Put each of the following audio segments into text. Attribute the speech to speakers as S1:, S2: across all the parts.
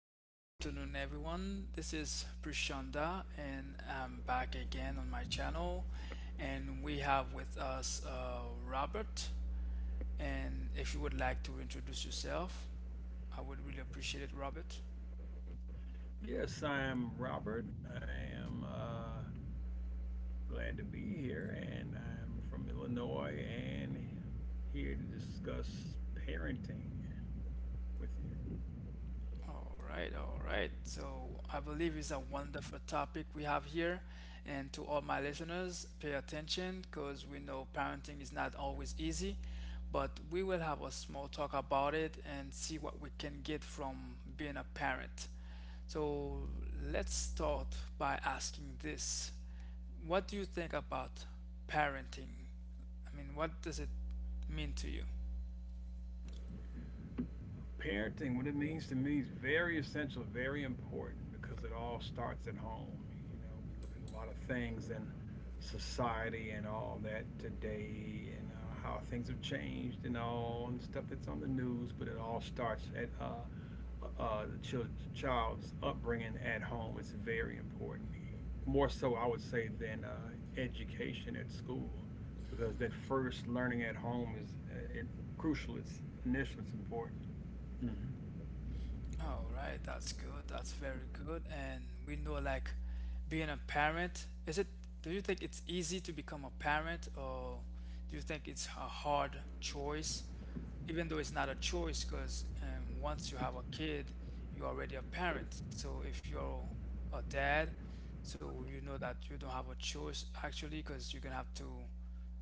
S1: hello, good afternoon, everyone. This is Prashanda, and I'm back again on my channel. And we have with us Robert. And if you would like to introduce yourself, I would really appreciate it, Robert.
S2: Yes, I'm Robert. I am glad to be here, and I'm from Illinois and here to discuss parenting with you.
S1: All right, all right. So I believe it's a wonderful topic we have here. And to all my listeners, pay attention because we know parenting is not always easy, but we will have a small talk about it and see what we can get from being a parent. So let's start by asking this. What do you think about parenting? I mean, what does it mean to you?
S2: Parenting, what it means to me is very essential, very important because it all starts at home. You know, we look at a lot of things in society and all that today, and how things have changed and all and stuff that's on the news, but it all starts at uh, uh, the chil- child's upbringing at home. It's very important. More so, I would say, than education at school, because that first learning at home is uh, it, crucial. It's initial, it's important. Mm-hmm.
S1: All right, that's good. That's very good. And we know like being a parent, is it, do you think it's easy to become a parent or do you think it's a hard choice? Even though it's not a choice, because once you have a kid, you're already a parent. So if you're a dad, so you know that you don't have a choice actually, because you're gonna have to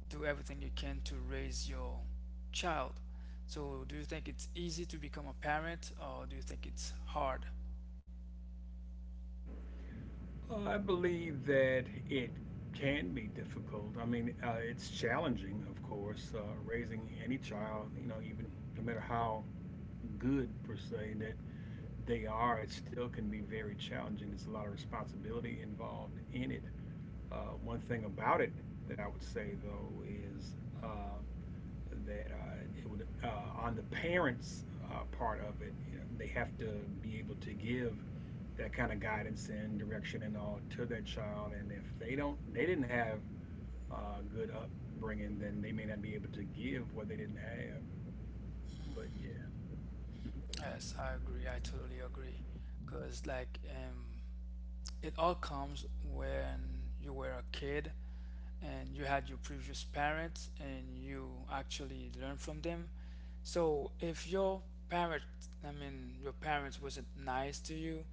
S1: do everything you can to raise your child. So, do you think it's easy to become a parent, or do you think it's hard?
S2: I believe that it can be difficult. I mean, it's challenging, of course, raising any child, you know, even no matter how good, per se, that they are, it still can be very challenging. There's a lot of responsibility involved in it. One thing about it that I would say, though, is uh, that it would, on the parents' part of it, you know, they have to be able to give that kind of guidance and direction and all to that child. And if they don't, they didn't have good upbringing, then they may not be able to give what they didn't have. But yeah,
S1: Yes, I agree. I totally agree. Because, like, it all comes when you were a kid and you had your previous parents and you actually learn from them. So if your parent, I mean your parents wasn't nice to you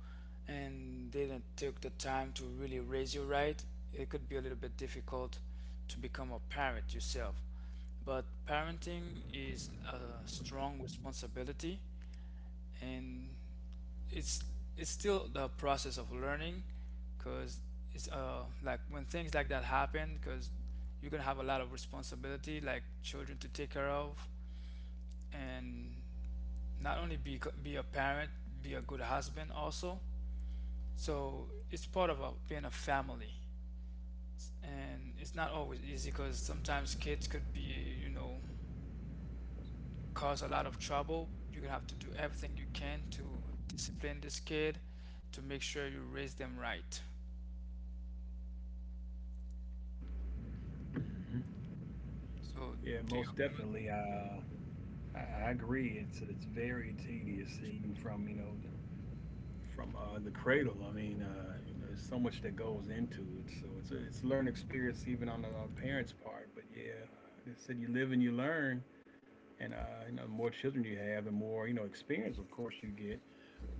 S1: and didn't take the time to really raise you right, it could be a little bit difficult to become a parent yourself. But parenting is a strong responsibility, and it's it's still the process of learning, because it's like when things like that happen. Because you're gonna have a lot of responsibility, like children to take care of, and not only be a parent, be a good husband also. So it's part of a, being a family, and it's not always easy because sometimes kids could be, you know, cause a lot of trouble. You're gonna have to do everything you can to discipline this kid, to make sure you raise them right. So,
S2: yeah,
S1: do you
S2: most
S1: agree? With-
S2: definitely. Uh, I agree. It's very tedious, even from you know from the cradle. I mean, you know, there's so much that goes into it. So it's a learning experience even on the parents' part. But yeah, like I said, you live and you learn, and you know, the more children you have, the more you know experience, of course, you get.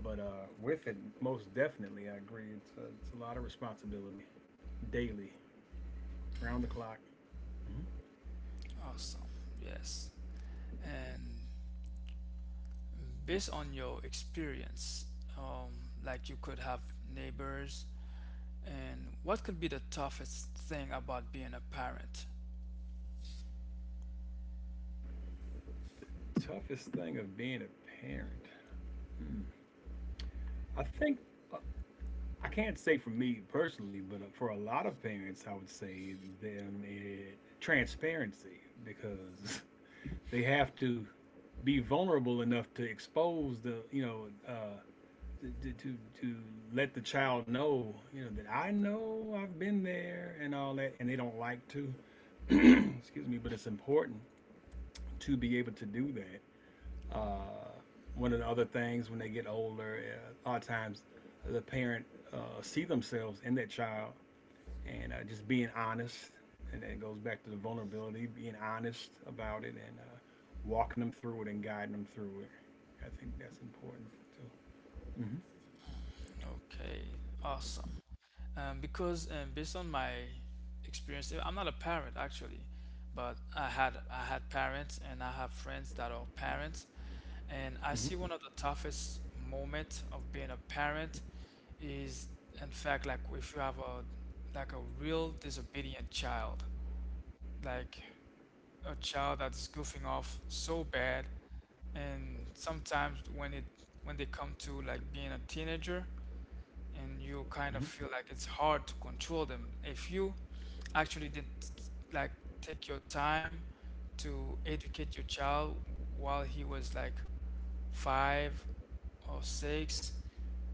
S2: But with it, most definitely, I agree. It's a lot of responsibility daily, round the clock.
S1: Awesome. Yes. And based on your experience, like you could have neighbors, and what could be the toughest thing about being a parent?
S2: Mm-hmm. Toughest thing of being a parent, I think. uh, I can't say for me personally, but for a lot of parents, I would say them eh, transparency, because they have to be vulnerable enough to expose the you know to, to to let the child know, you know, that I know I've been there and all that, and they don't like to. Excuse me, but it's important to be able to do that. Uh, One of the other things, when they get older, a lot of times the parent see themselves in that child, and just being honest, and that goes back to the vulnerability, being honest about it, and walking them through it and guiding them through it. I think that's important too. Mm-hmm.
S1: Okay, awesome. Because based on my experience, I'm not a parent actually, but I had parents and I have friends that are parents, and I see
S2: Mm-hmm.
S1: one of the toughest moment of being a parent is in fact like if you have a like a real disobedient child, like a child that's goofing off so bad, and sometimes when it when they come to like being a teenager and you kind
S2: Mm-hmm.
S1: of feel like it's hard to control them. If you actually did like take your time to educate your child while he was like five or six,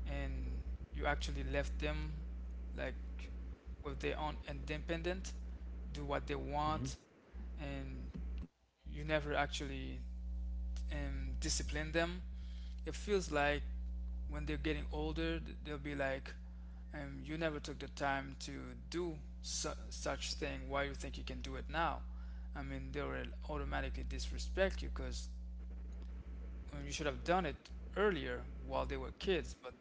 S1: and you actually left them like with their own independent, do what they
S2: Mm-hmm.
S1: want, and you never actually and discipline them, it feels like when they're getting older, they'll be like, "You never took the time to do su- such thing. Why you think you can do it now?" I mean, they'll automatically disrespect you because you should have done it earlier while they were kids. But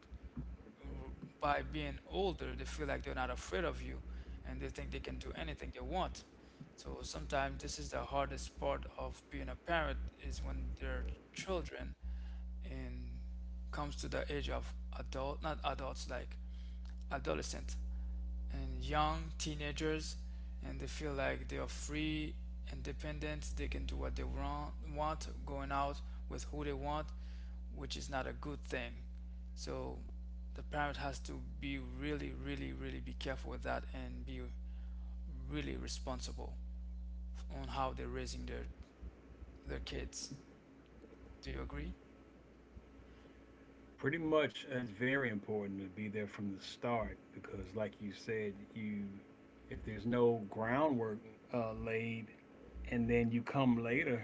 S1: by being older, they feel like they're not afraid of you, and they think they can do anything they want. So sometimes this is the hardest part of being a parent is when their children and comes to the age of adult, not adults, like adolescent and young teenagers, and they feel like they are free, independent, they can do what they want, going out with who they want, which is not a good thing. So the parent has to be really, really, really be careful with that and be really responsible on how they're raising their kids. Do you agree?
S2: Pretty much. It's very important to be there from the start, because like you said, you if there's no groundwork laid and then you come later,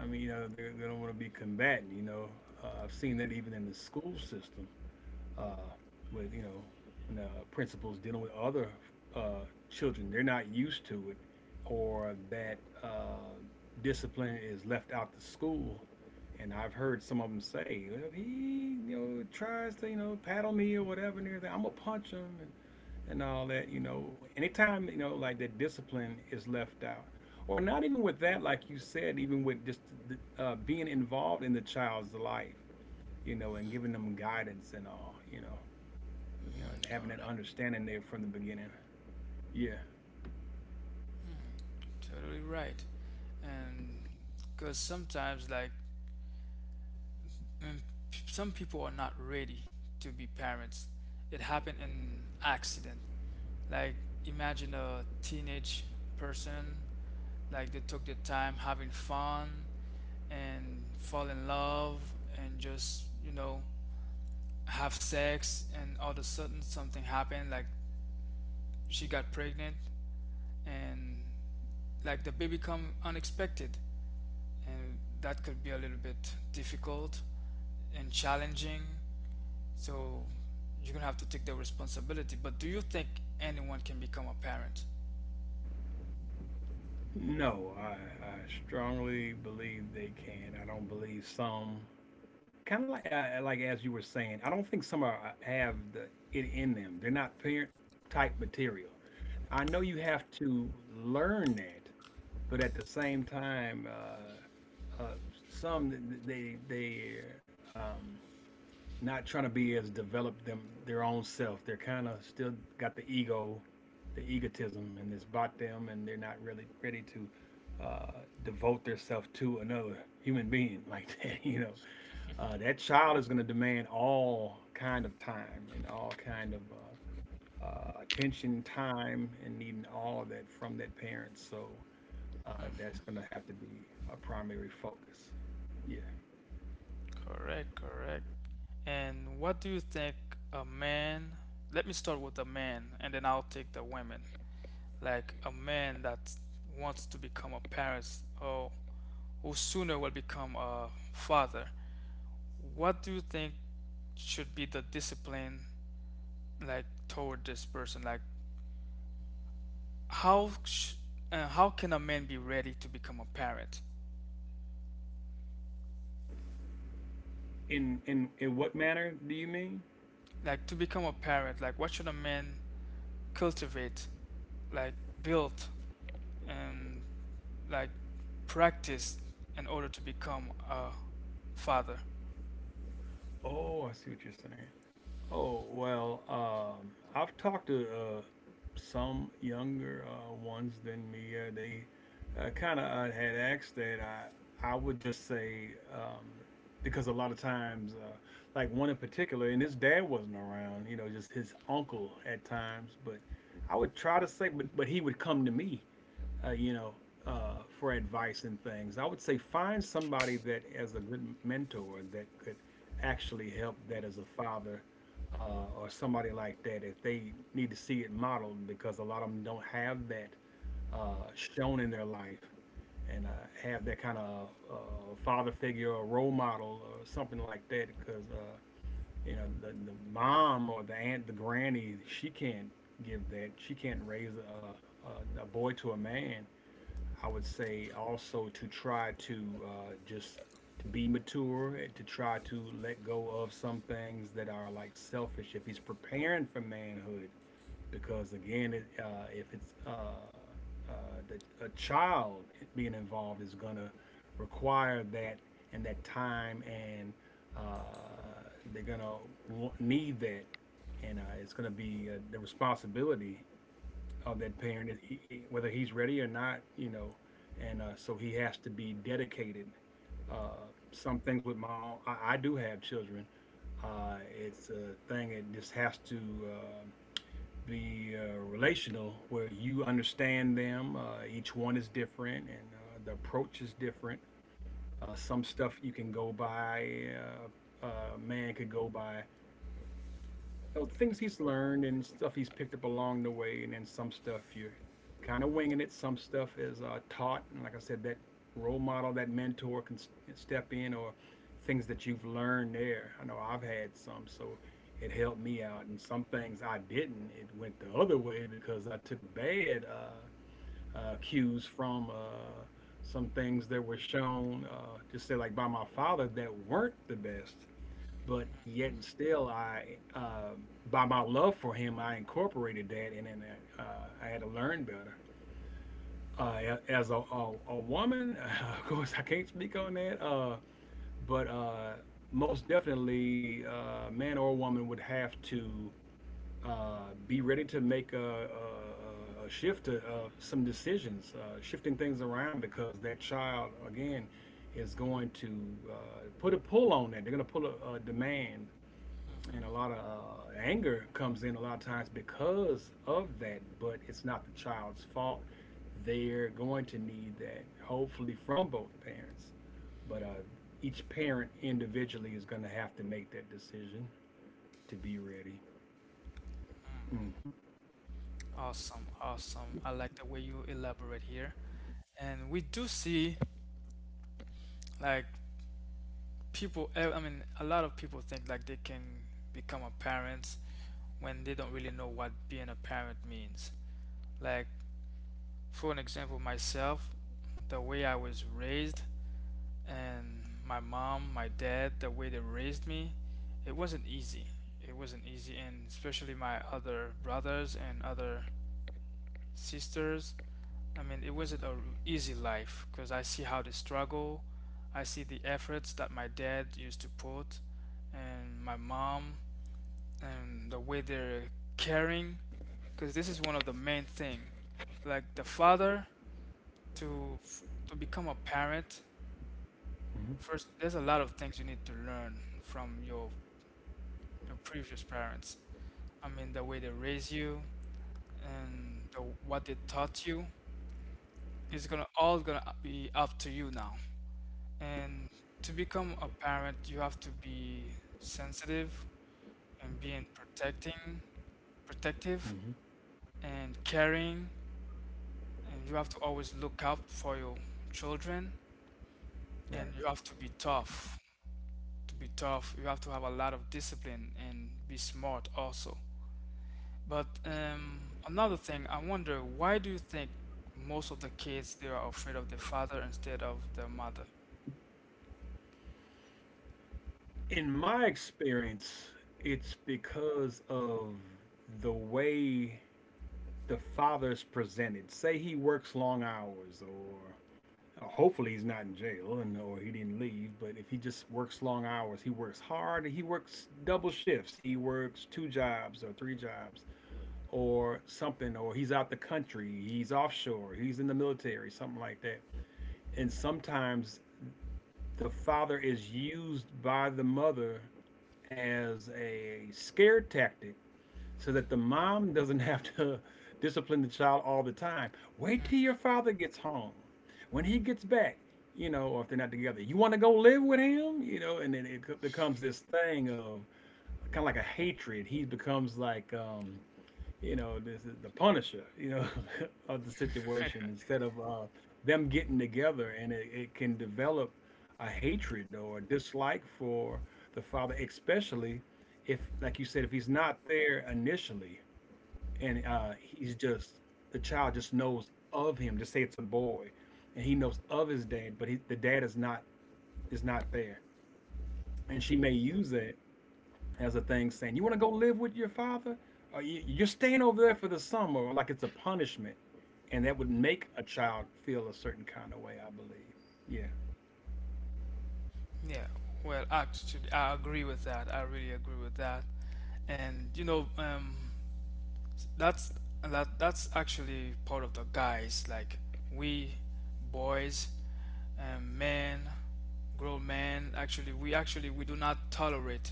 S2: I mean, you know, they're, they don't want to be combatant, you know. I've seen that even in the school system, uh, with you know when, principals dealing with other uh, children. They're not used to it, or that discipline is left out the school. And I've heard some of them say, well, if he you know tries to you know paddle me or whatever, and everything, I'm gonna punch him, and all that. You know, anytime you know like that, discipline is left out. Or not even with that, like you said, even with just being involved in the child's life, you know, and giving them guidance and all, you know, you know, and having
S1: All
S2: that
S1: right.
S2: understanding there from the beginning. Yeah.
S1: Totally right. And because sometimes, like, mm, p- some people are not ready to be parents. It happened in accident. Like, imagine a teenage person, like, they took their time having fun and fall in love and just, you know, have sex. And all of a sudden, something happened. Like, she got pregnant and, like, the baby come unexpected, and that could be a little bit difficult and challenging. So you're gonna have to take the responsibility. But do you think anyone can become a parent?
S2: No, I strongly believe they can. I don't believe some. Kind of like as you were saying, I don't think some are have the it in them. They're not parent type material. I know you have to learn that, but at the same time, uh, some th- th- they um, not trying to be as developed them their own self. They're kind of still got the ego, the egotism, and it's bought them, and they're not really ready to devote themselves to another human being like that. You know, that child is going to demand all kind of time and all kind of attention, time, and needing all of that from that parent. So that's going to have to be a primary focus. Yeah.
S1: Correct, correct. And what do you think a man? Let me start with a man, and then I'll take the women. Like a man that wants to become a parent, or who sooner will become a father. What do you think should be the discipline like toward this person? Like how sh- how can a man be ready to become a parent,
S2: In what manner do you mean?
S1: like to become a parent, like what should a man cultivate, like build, and like practice in order to become a father?
S2: Oh, I see what you're saying. Oh well, I've talked to some younger ones than me. They kind of had asked that. I would just say because a lot of times, like one in particular, and his dad wasn't around. You know, just his uncle at times. But I would try to say, but he would come to me you know, for advice and things. I would say find somebody that as a good mentor that could actually help that as a father, uh, or somebody like that, if they need to see it modeled, because a lot of them don't have that uh, shown in their life, and have that kind of father figure or role model or something like that, because you know the mom or the aunt the granny, she can't give that, she can't raise a boy to a man. I would say also to try to just to be mature and to try to let go of some things that are like selfish. If he's preparing for manhood, because again, it, if it's uh, the, a child being involved is gonna require that and that time, and they're gonna need that, and it's gonna be the responsibility of that parent, whether he's ready or not, you know, and so he has to be dedicated. Uh, some things with my own, I do have children. It's a thing that just has to be relational, where you understand them. Each one is different, and the approach is different. Some stuff you can go by, man could go by, you know, things he's learned and stuff he's picked up along the way, and then some stuff you're kind of winging it. Some stuff is taught, and like I said, that role model, that mentor can step in, or things that you've learned there. I know I've had some, so it helped me out, and some things I didn't. It went the other way because I took bad cues from. Some things that were shown, just say like by my father, that weren't the best, but yet and still, I uh, by my love for him, I incorporated that, and then uh, I had to learn better. As a woman, of course, I can't speak on that, but most definitely, man or woman would have to uh, be ready to make a shift to some decisions, shifting things around, because that child, again, is going to put a pull on that. They're going to pull a demand, and a
S1: Hmm.
S2: lot of anger comes in a lot of times because of that, but it's not the child's fault. They're going to need that, hopefully from both parents, but each parent individually is going to have to make that decision to be ready. Mm-hmm,
S1: Awesome, awesome. I like the way you elaborate here. And we do see like people I mean a lot of people think like they can become a parent when they don't really know what being a parent means. Like, for an example, myself, the way I was raised, and my mom, my dad, the way they raised me, it wasn't easy. It wasn't easy, and especially my other brothers and other sisters. I mean, it wasn't an easy life because I see how they struggle. I see the efforts that my dad used to put, and my mom, and the way they're caring, because this is one of the main thing. Like the father to f- to become a parent,
S2: mm-hmm,
S1: first there's a lot of things you need to learn from your previous parents. I mean the way they raise you, and the, what they taught you is gonna all gonna be up to you now. And to become a parent you have to be sensitive and being protecting, protective,
S2: mm-hmm.
S1: and caring, and you have to always look out for your children,
S2: Right.
S1: and you have to be tough. To be tough, you have to have a lot of discipline and be smart also. But another thing, I wonder why do you think most of the kids they are afraid of their father instead of their mother?
S2: In my experience, it's because of the way the father's presented. Say he works long hours, or hopefully he's not in jail and or he didn't leave, but if he just works long hours, he works hard, he works double shifts, he works two jobs or three jobs or something, or he's out the country, he's offshore, he's in the military, something like that. And sometimes the father is used by the mother as a scare tactic, so that the mom doesn't have to discipline the child all the time. Wait
S1: Mm.
S2: till your father gets home. When he gets back, you know, or if they're not together, you want to go live with him, you know, and then becomes this thing of kind of like a hatred. He becomes like, you know, this is the punisher, you know, of the situation, instead of them getting together, and it can develop a hatred or a dislike for the father, especially if, like you said, if he's not there initially, and he's just the child just knows of him. Just say it's a boy, and he knows of his dad, but the dad is not there. And she may use that as a thing, saying, "You want to go live with your father? Or you're staying over there for the summer, like it's a punishment." And that would make a child feel a certain kind of way, I believe. Yeah.
S1: Yeah, well, actually, I agree with that. I really agree with that. And you know, that's that's actually part of the guys. Like we boys, men, grown men. Actually we do not tolerate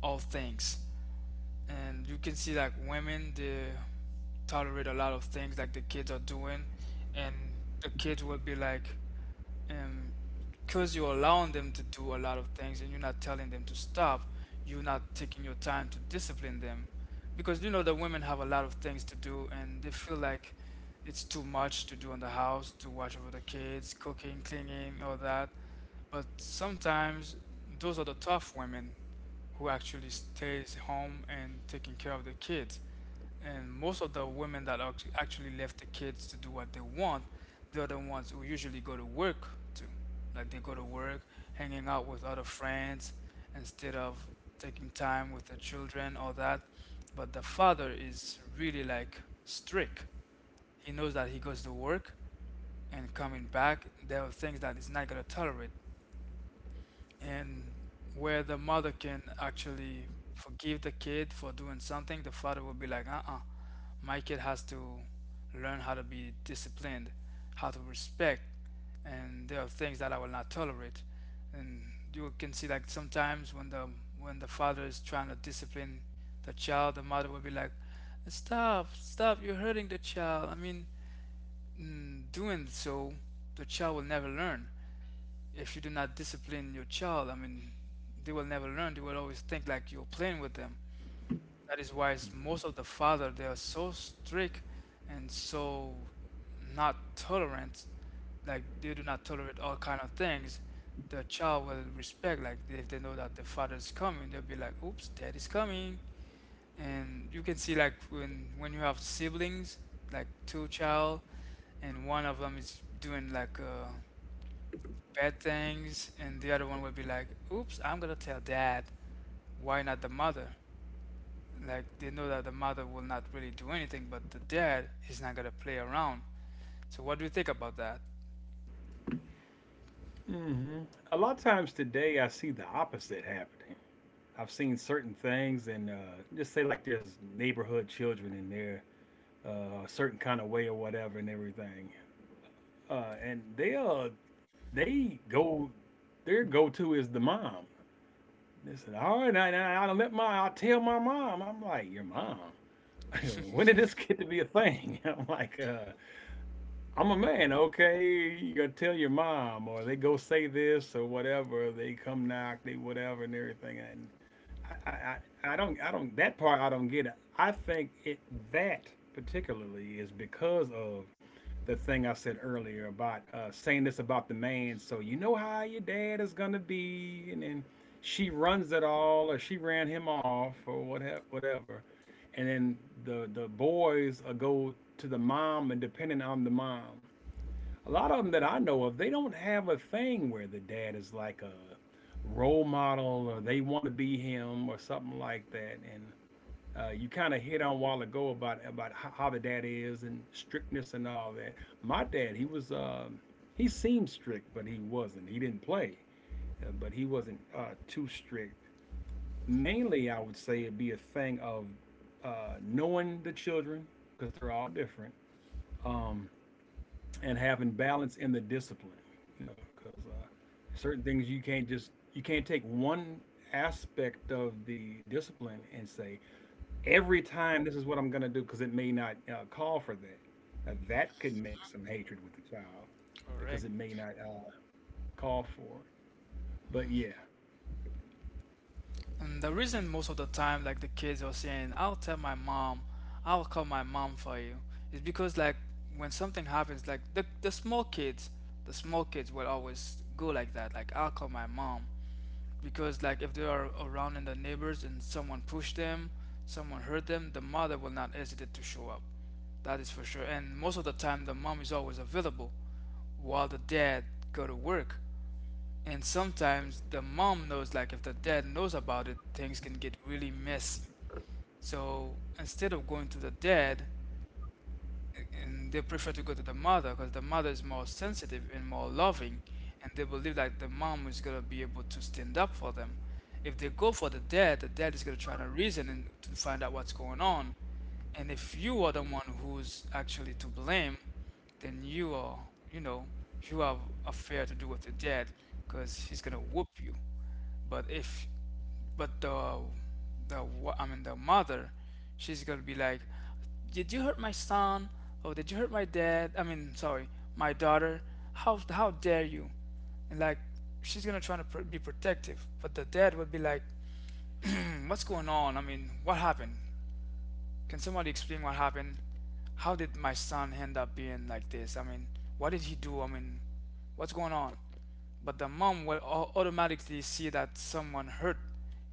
S1: all things. And you can see like women they tolerate a lot of things like the kids are doing, and the kids will be like um because you're allowing them to do a lot of things and you're not telling them to stop. You're not taking your time to discipline them, because you know the women have a lot of things to do and they feel like it's too much to do in the house to watch over the kids, cooking, cleaning, all that. But sometimes those are the tough women who actually stays home and taking care of the kids. And most of the women that act- actually left the kids to do what they want, they are the ones who usually go to work too. Like they go to work, hanging out with other friends, instead of taking time with their children, all that. But the father is really like strict. He knows that he goes to work, and coming back there are things that he's not going to tolerate. And where the mother can actually forgive the kid for doing something, the father will be like, uh-uh, my kid has to learn how to be disciplined, how to respect, and there are things that I will not tolerate. And you can see like sometimes when the father is trying to discipline the child, the mother will be like, "Stop, stop! You're hurting the child." I mean, doing so, the child will never learn. If you do not discipline your child, I mean, they will never learn. They will always think like you're playing with them. That is why s- most of the father they are so strict and so not tolerant. Like they do not tolerate all kind of things. The child will respect. Like if they know that the father is coming, they'll be like, "Oops, dad is coming." And you can see like when you have siblings, like two child, and one of them is doing like bad things, and the other one will be like, "Oops, I'm gonna tell dad." Why not the mother? Like they know that the mother will not really do anything, but the dad he's not gonna play around. So what do you think about that?
S2: hmm A lot of times today, I see the opposite happening. I've seen certain things, and just say like there's neighborhood children in there uh, a certain kind of way or whatever and everything. And they go, their go-to is the mom. They said, "All right, now I don't let I tell my mom." I'm like, "Your mom? When did this get to be a thing?" I'm like, I'm a man, okay? You gotta tell your mom, or they go say this or whatever. They come knock, they whatever and everything." And I, I, I don't, I Don't. That part I don't get. I think it that particularly is because of the thing I said earlier about saying this about the man, so you know how your dad is gonna be, and then she runs it all, or she ran him off, or whatever, whatever, and then the boys go to the mom, and depending on the mom, a lot of them that I know of, they don't have a thing where the dad is like a role model, or they want to be him, or something like that, and you kind of hit on a while ago about how the dad is and strictness and all that. My dad, he was he seemed strict, but he wasn't. He didn't play, but he wasn't too strict. Mainly, I would say it'd be a thing of knowing the children because they're all different, um, and having balance in the discipline. You know, because certain things you can't take one aspect of the discipline and say every time this is what I'm going to do because it may not call for that. Now, that could make some hatred with the child because
S1: Correct.
S2: it may not call for it. But yeah,
S1: And the reason most of the time, like the kids are saying, "I'll tell my mom, I'll call my mom for you," is because like when something happens, like the small kids, the small kids will always go like that, like "I'll call my mom," because like if they are around in the neighbors and someone push them, someone hurt them, the mother will not hesitate to show up. That is for sure. And most of the time, the mom is always available while the dad go to work. And sometimes the mom knows, like if the dad knows about it, things can get really messy. So instead of going to the dad, and they prefer to go to the mother because the mother is more sensitive and more loving, and they believe that the mom is going to be able to stand up for them. If they go for the dad, the dad is going to try to reason and to find out what's going on. And if you are the one who's actually to blame, then you, are you know, you have a fair to do with the dad because he's going to whoop you. But if, but the wa- I mean the mother, she's gonna be like, "Did you hurt my son? Oh, did you hurt my dad? I mean, sorry, my daughter. How dare you?" And like, she's gonna try to be protective, but the dad would be like, "What's going on? I mean, what happened? Can somebody explain what happened? How did my son end up being like this? I mean, what did he do? I mean, what's going on?" But the mom will automatically see that someone hurt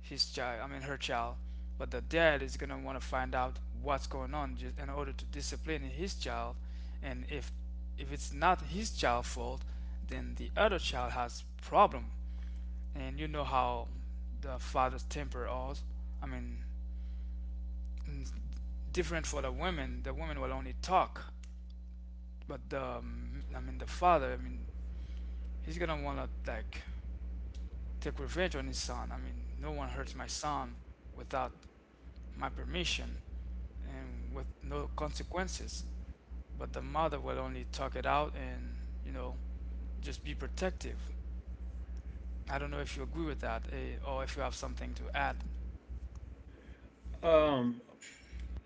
S1: his child, I mean, her child. But the dad is gonna want to find out what's going on just in order to discipline his child. And if it's not his child's fault, then the other child has problem. And you know how the father's temper is. I mean, mm, different for the women. The women will only talk, but the I mean the father. I mean he's gonna wanna like take revenge on his son. I mean, no one hurts my son without my permission and with no consequences. But the mother will only talk it out and, you know, just be protective. I don't know if you agree with that, eh, or if you have something to add.
S2: um,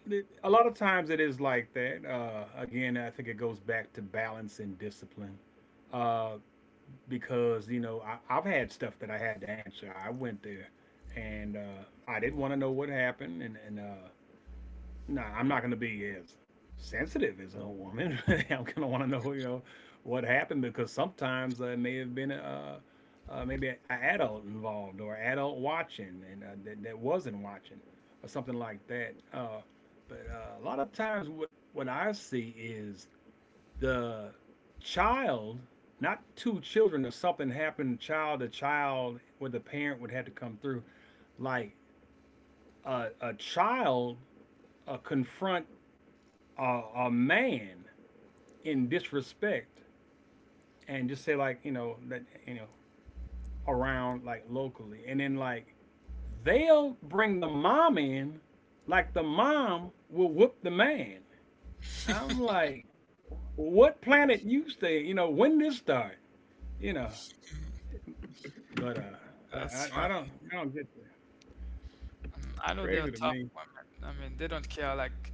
S2: a lot of times it is like that. Again, I think it goes back to balance and discipline uh, because, you know, I've had stuff that I had to answer. I went there and I didn't want to know what happened. And no, I'm not going to be as sensitive as a woman. I'm going to want to know, you know, what happened because sometimes there may have been maybe an adult involved or adult watching and that wasn't watching or something like that. But a lot of times, what I see is the child, not two children or something happened child to child where the parent would have to come through. Like a child confront a man in disrespect and just say like you know that you know around like locally and then like they'll bring the mom in, like the mom will whoop the man. I'm like, what planet you stay? You know, when this start? You know, but
S1: That's
S2: I don't
S1: funny.
S2: I Don't get that.
S1: I know
S2: It's
S1: they're
S2: crazy to
S1: tough
S2: me.
S1: women. I mean, they don't care. Like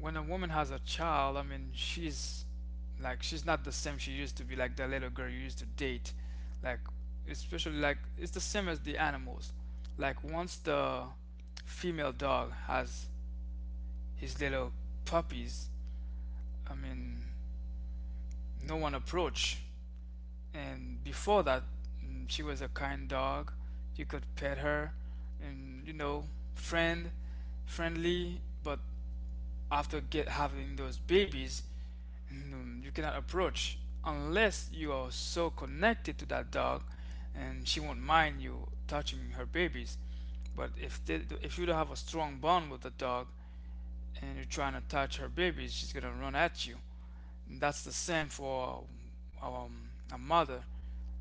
S1: when a woman has a child, I mean, she's like she's not the same she used to be, like the little girl you used to date. Like especially like it's the same as the animals. Like once the female dog has his little puppies, I mean, no one approach. And before that, she was a kind dog. You could pet her, and you know, friend, friendly. But after get having those babies, you cannot approach unless you are so connected to that dog and she won't mind you touching her babies. But if they, if you don't have a strong bond with the dog and you're trying to touch her babies, she's gonna run at you. And that's the same for a mother.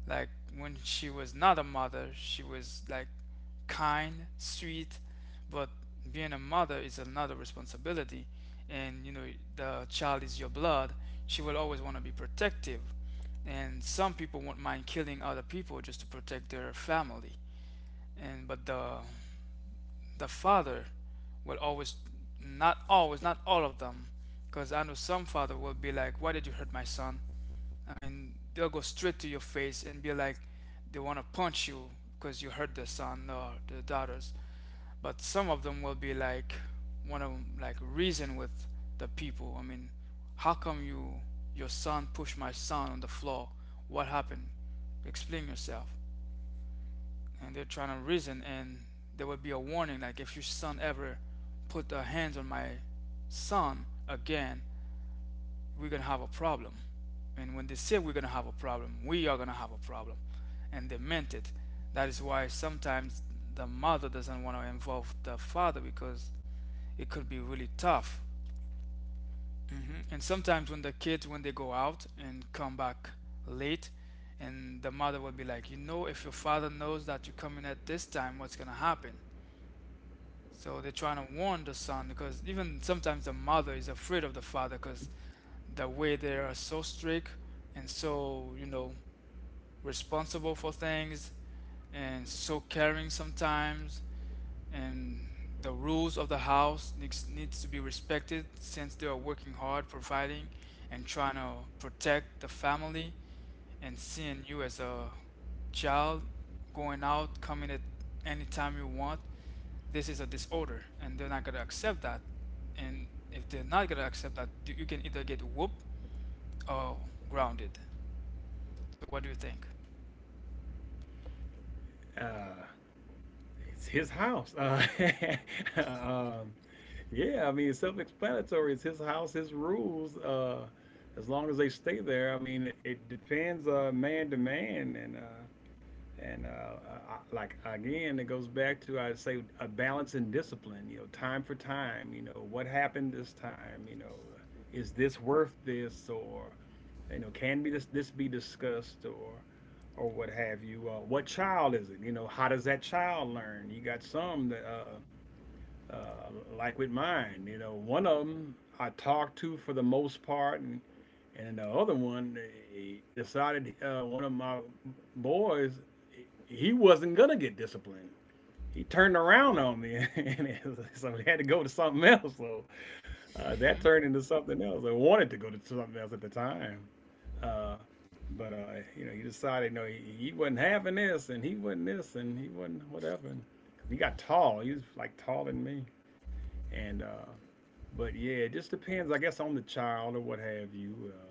S1: Like when she was not a mother, she was like kind, sweet, but being a mother is another responsibility. And you know, the child is your blood. She will always want to be protective. And some people won't mind killing other people just to protect their family. And but the father will always, not always, not all of them, because I know some father will be like, why did you hurt my son? I mean, they'll go straight to your face and be like, they want to punch you because you hurt the son or the daughters. But some of them will be like, want to like reason with the people. I mean, how come you, your son pushed my son on the floor? What happened? Explain yourself. And they're trying to reason, and there would be a warning like, if your son ever put their hands on my son again, we're gonna have a problem. And when they say we're gonna have a problem, we are gonna have a problem. And they meant it. That is why sometimes the mother doesn't want to involve the father because it could be really tough. And sometimes when the kids, when they go out and come back late, and the mother will be like, you know, if your father knows that you're coming at this time, what's gonna happen? So they're trying to warn the son because even sometimes the mother is afraid of the father because the way they are so strict and so, you know, responsible for things and so caring sometimes, and the rules of the house needs to be respected since they are working hard providing and trying to protect the family, and seeing you as a child going out coming at any time you want, this is a disorder and they're not going to accept that. And if they're not going to accept that, you can either get whooped, oh, grounded. So what do you think?
S2: uh it's his house. Um Yeah, I mean, it's self-explanatory. It's his house, his rules. As long as they stay there, I mean, it depends man to man, and like again, it goes back to I say a balance and discipline. You know, time for time. You know, what happened this time? You know, is this worth this, or you know, can be this this be discussed, or what have you? What child is it? You know, how does that child learn? You got some that. Uh, like with mine. You know, one of them I talked to for the most part, and the other one he decided one of my boys he wasn't gonna get disciplined. He turned around on me, and so we had to go to something else. So that
S1: Mhm.
S2: turned into something else. I wanted to go to something else at the time, uh, but you know, he decided no, he wasn't having this, and he wasn't this, and he wasn't whatever. And 'cause he got tall. He was like taller than me, and but yeah, it just depends, I guess, on the child or what have you.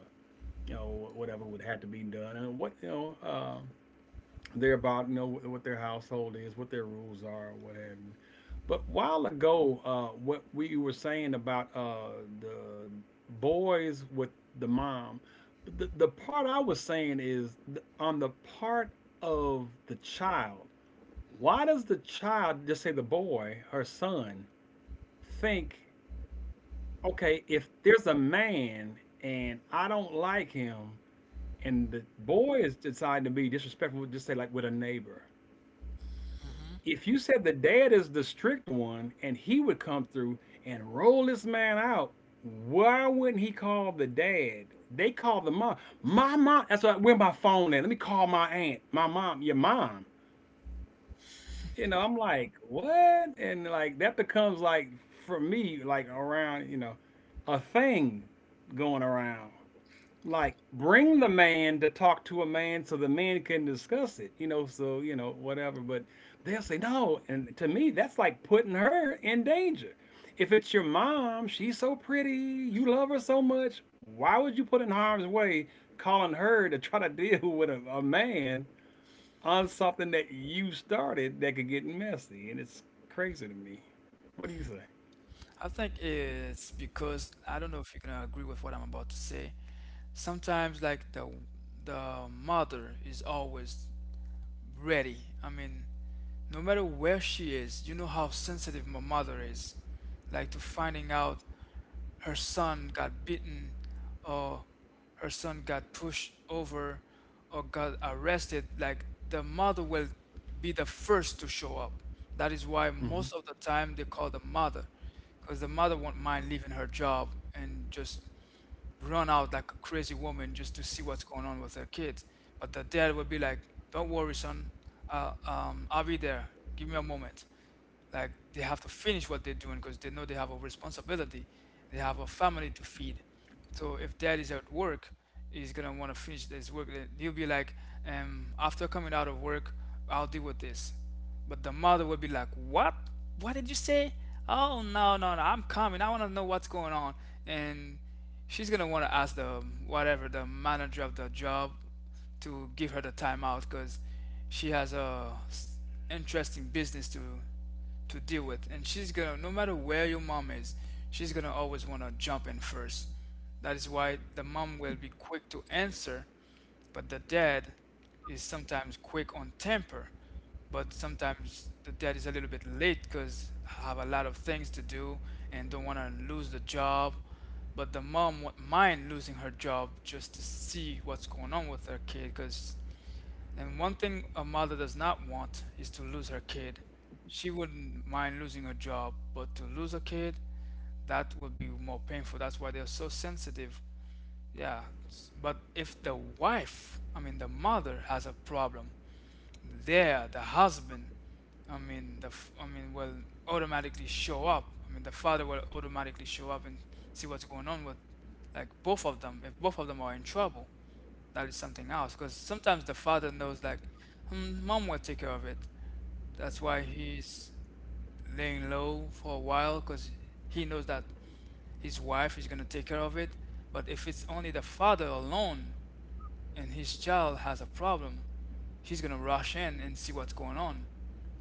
S2: You know, whatever would have to be done, and what you know, they're about, you know, what their household is, what their rules are, what have you. But while ago, what we were saying about the boys with the mom, the part I was saying is on the part of the child. Why does the child, just say the boy, her son, think okay, if there's a man and I don't like him, and the boy is deciding to be disrespectful, just say like with a neighbor. If you said the dad is the strict one and he would come through and roll this man out, why wouldn't he call the dad? They call the mom. My mom. That's why where my phone at. Let me call my aunt, my mom, your mom. You know, I'm like, what? And like that becomes like for me, like around, you know, a thing going around. Like bring the man to talk to a man so the man can discuss it, you know, so you know, whatever. But they'll say no, and to me that's like putting her in danger. If it's your mom, she's so pretty, you love her so much, why would you put in harm's way calling her to try to deal with a man on something that you started that could get messy? And it's crazy to me. What do you say?
S1: I think it's because, I don't know if you're gonna agree with what I'm about to say. Sometimes like the mother is always ready. I mean, no matter where she is, you know how sensitive my mother is, like to finding out her son got beaten or her son got pushed over or got arrested. Like the mother will be the first to show up. That is why most
S2: hmm
S1: of the time they call the mother, because the mother won't mind leaving her job and just run out like a crazy woman just to see what's going on with her kids. But the dad would be like, "Don't worry, son. I'll be there. Give me a moment." Like they have to finish what they're doing because they know they have a responsibility. They have a family to feed. So if dad is at work, he's gonna want to finish his work. Then he'll be like, "After coming out of work, I'll deal with this." But the mother would be like, what? What did you say? Oh, no, no, no, I'm coming. I want to know what's going on. And she's going to want to ask the whatever, the manager of the job, to give her the timeout because she has a interesting business to deal with. And she's gonna, no matter where your mom is, she's gonna always wanna jump in first. That is why the mom will be quick to answer, but the dad is sometimes quick on temper. But sometimes the dad is a little bit late because have a lot of things to do and don't want to lose the job. But the mom won't mind losing her job just to see what's going on with her kid, because, and one thing a mother does not want is to lose her kid. She wouldn't mind losing her job, but to lose a kid, that would be more painful. That's why they're so sensitive. Yeah. But if the wife, I mean, the mother has a problem, there, the husband, I mean, I mean, will automatically show up. I mean, the father will automatically show up and see what's going on with, like, both of them, if both of them are in trouble, that is something else because sometimes the father knows like, "Hmm, mom will take care of it, that's why he's laying low for a while because he knows that his wife is going to take care of it. But if it's only the father alone and his child has a problem, he's going to rush in and see what's going on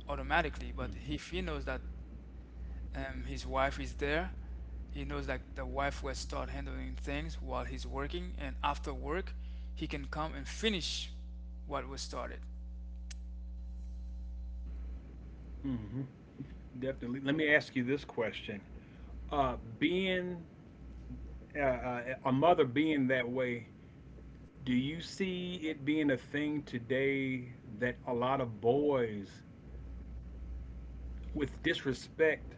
S1: automatically. But if he knows that his wife is there, he knows that the wife will start handling things while he's working, and after work, he can come and finish what was started.
S2: hmm Definitely. Let me ask you this question. Being a mother being that way, do you see it being a thing today that a lot of boys, with disrespect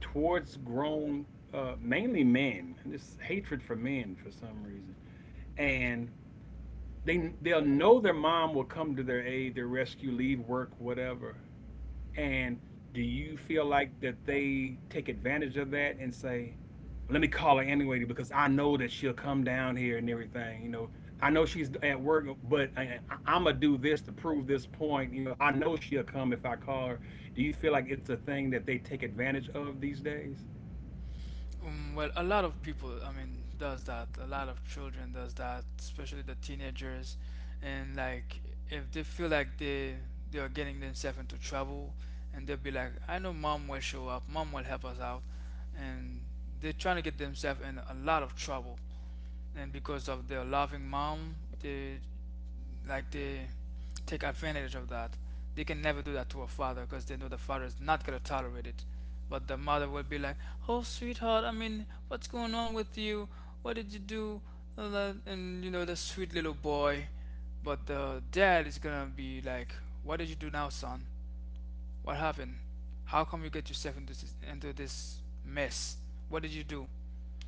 S2: towards grown, mainly men, this hatred for men for some reason, and they'll know their mom will come to their aid, their rescue, leave work, whatever, and do you feel like that they take advantage of that and say, let me call her anyway because I know that she'll come down here and everything. You know, I know she's at work, but I'm gonna do this to prove this point. You know, I know she'll come if I call her. Do you feel like it's a thing that they take advantage of these days?
S1: Well, a lot of people, I mean, does that. A lot of children does that, especially the teenagers. And like, if they feel like they are getting themselves into trouble, and they'll be like, "I know mom will show up. Mom will help us out," and they're trying to get themselves in a lot of trouble. And because of their loving mom, they they take advantage of that. They can never do that to a father because they know the father is not going to tolerate it. But the mother will be like, "Oh sweetheart, I mean, what's going on with you? What did you do?" And the sweet little boy. But the dad is going to be like, "What did you do now, son? What happened? How come you get yourself into this mess? What did you do?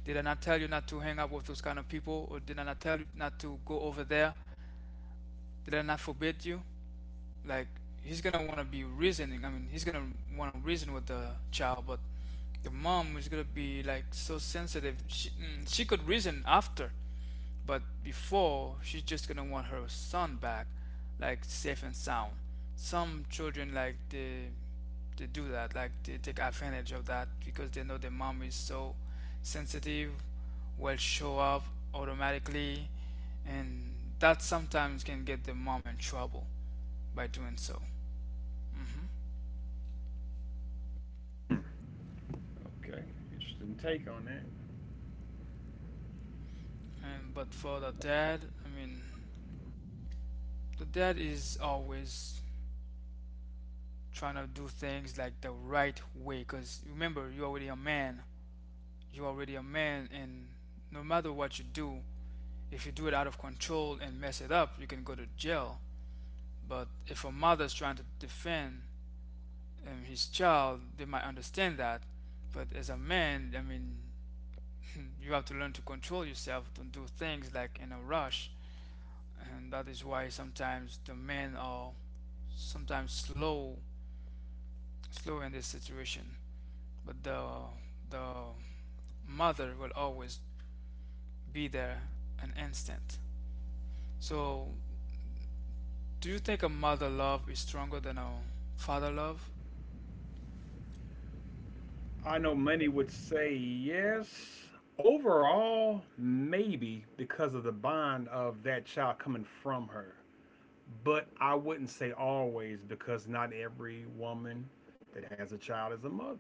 S1: Did I not tell you not to hang out with those kind of people? Or did I not tell you not to go over there? Did I not forbid you?" Like, he's gonna wanna be reasoning. I mean, he's gonna wanna reason with the child, but the mom is gonna be like so sensitive. She could reason after. But before, she's just gonna want her son back, like safe and sound. Some children like they do that, like they take advantage of that because they know their mom is so sensitive, will show up automatically, and that sometimes can get the mom in trouble by doing so. Hmm.
S2: Okay, interesting take on that.
S1: And but for the dad, I mean, the dad is always trying to do things like the right way because, remember, you're already a man. You're already a man, and no matter what you do, if you do it out of control and mess it up, you can go to jail. But if a mother's trying to defend his child, they might understand that. But as a man, I mean, you have to learn to control yourself, to do things like in a rush. And that is why sometimes the men are sometimes slow in this situation. But the mother will always be there an instant. So, do you think a mother love is stronger than a father love?
S2: I know many would say yes. Overall, maybe because of the bond of that child coming from her. But I wouldn't say always because not every woman that has a child is a mother.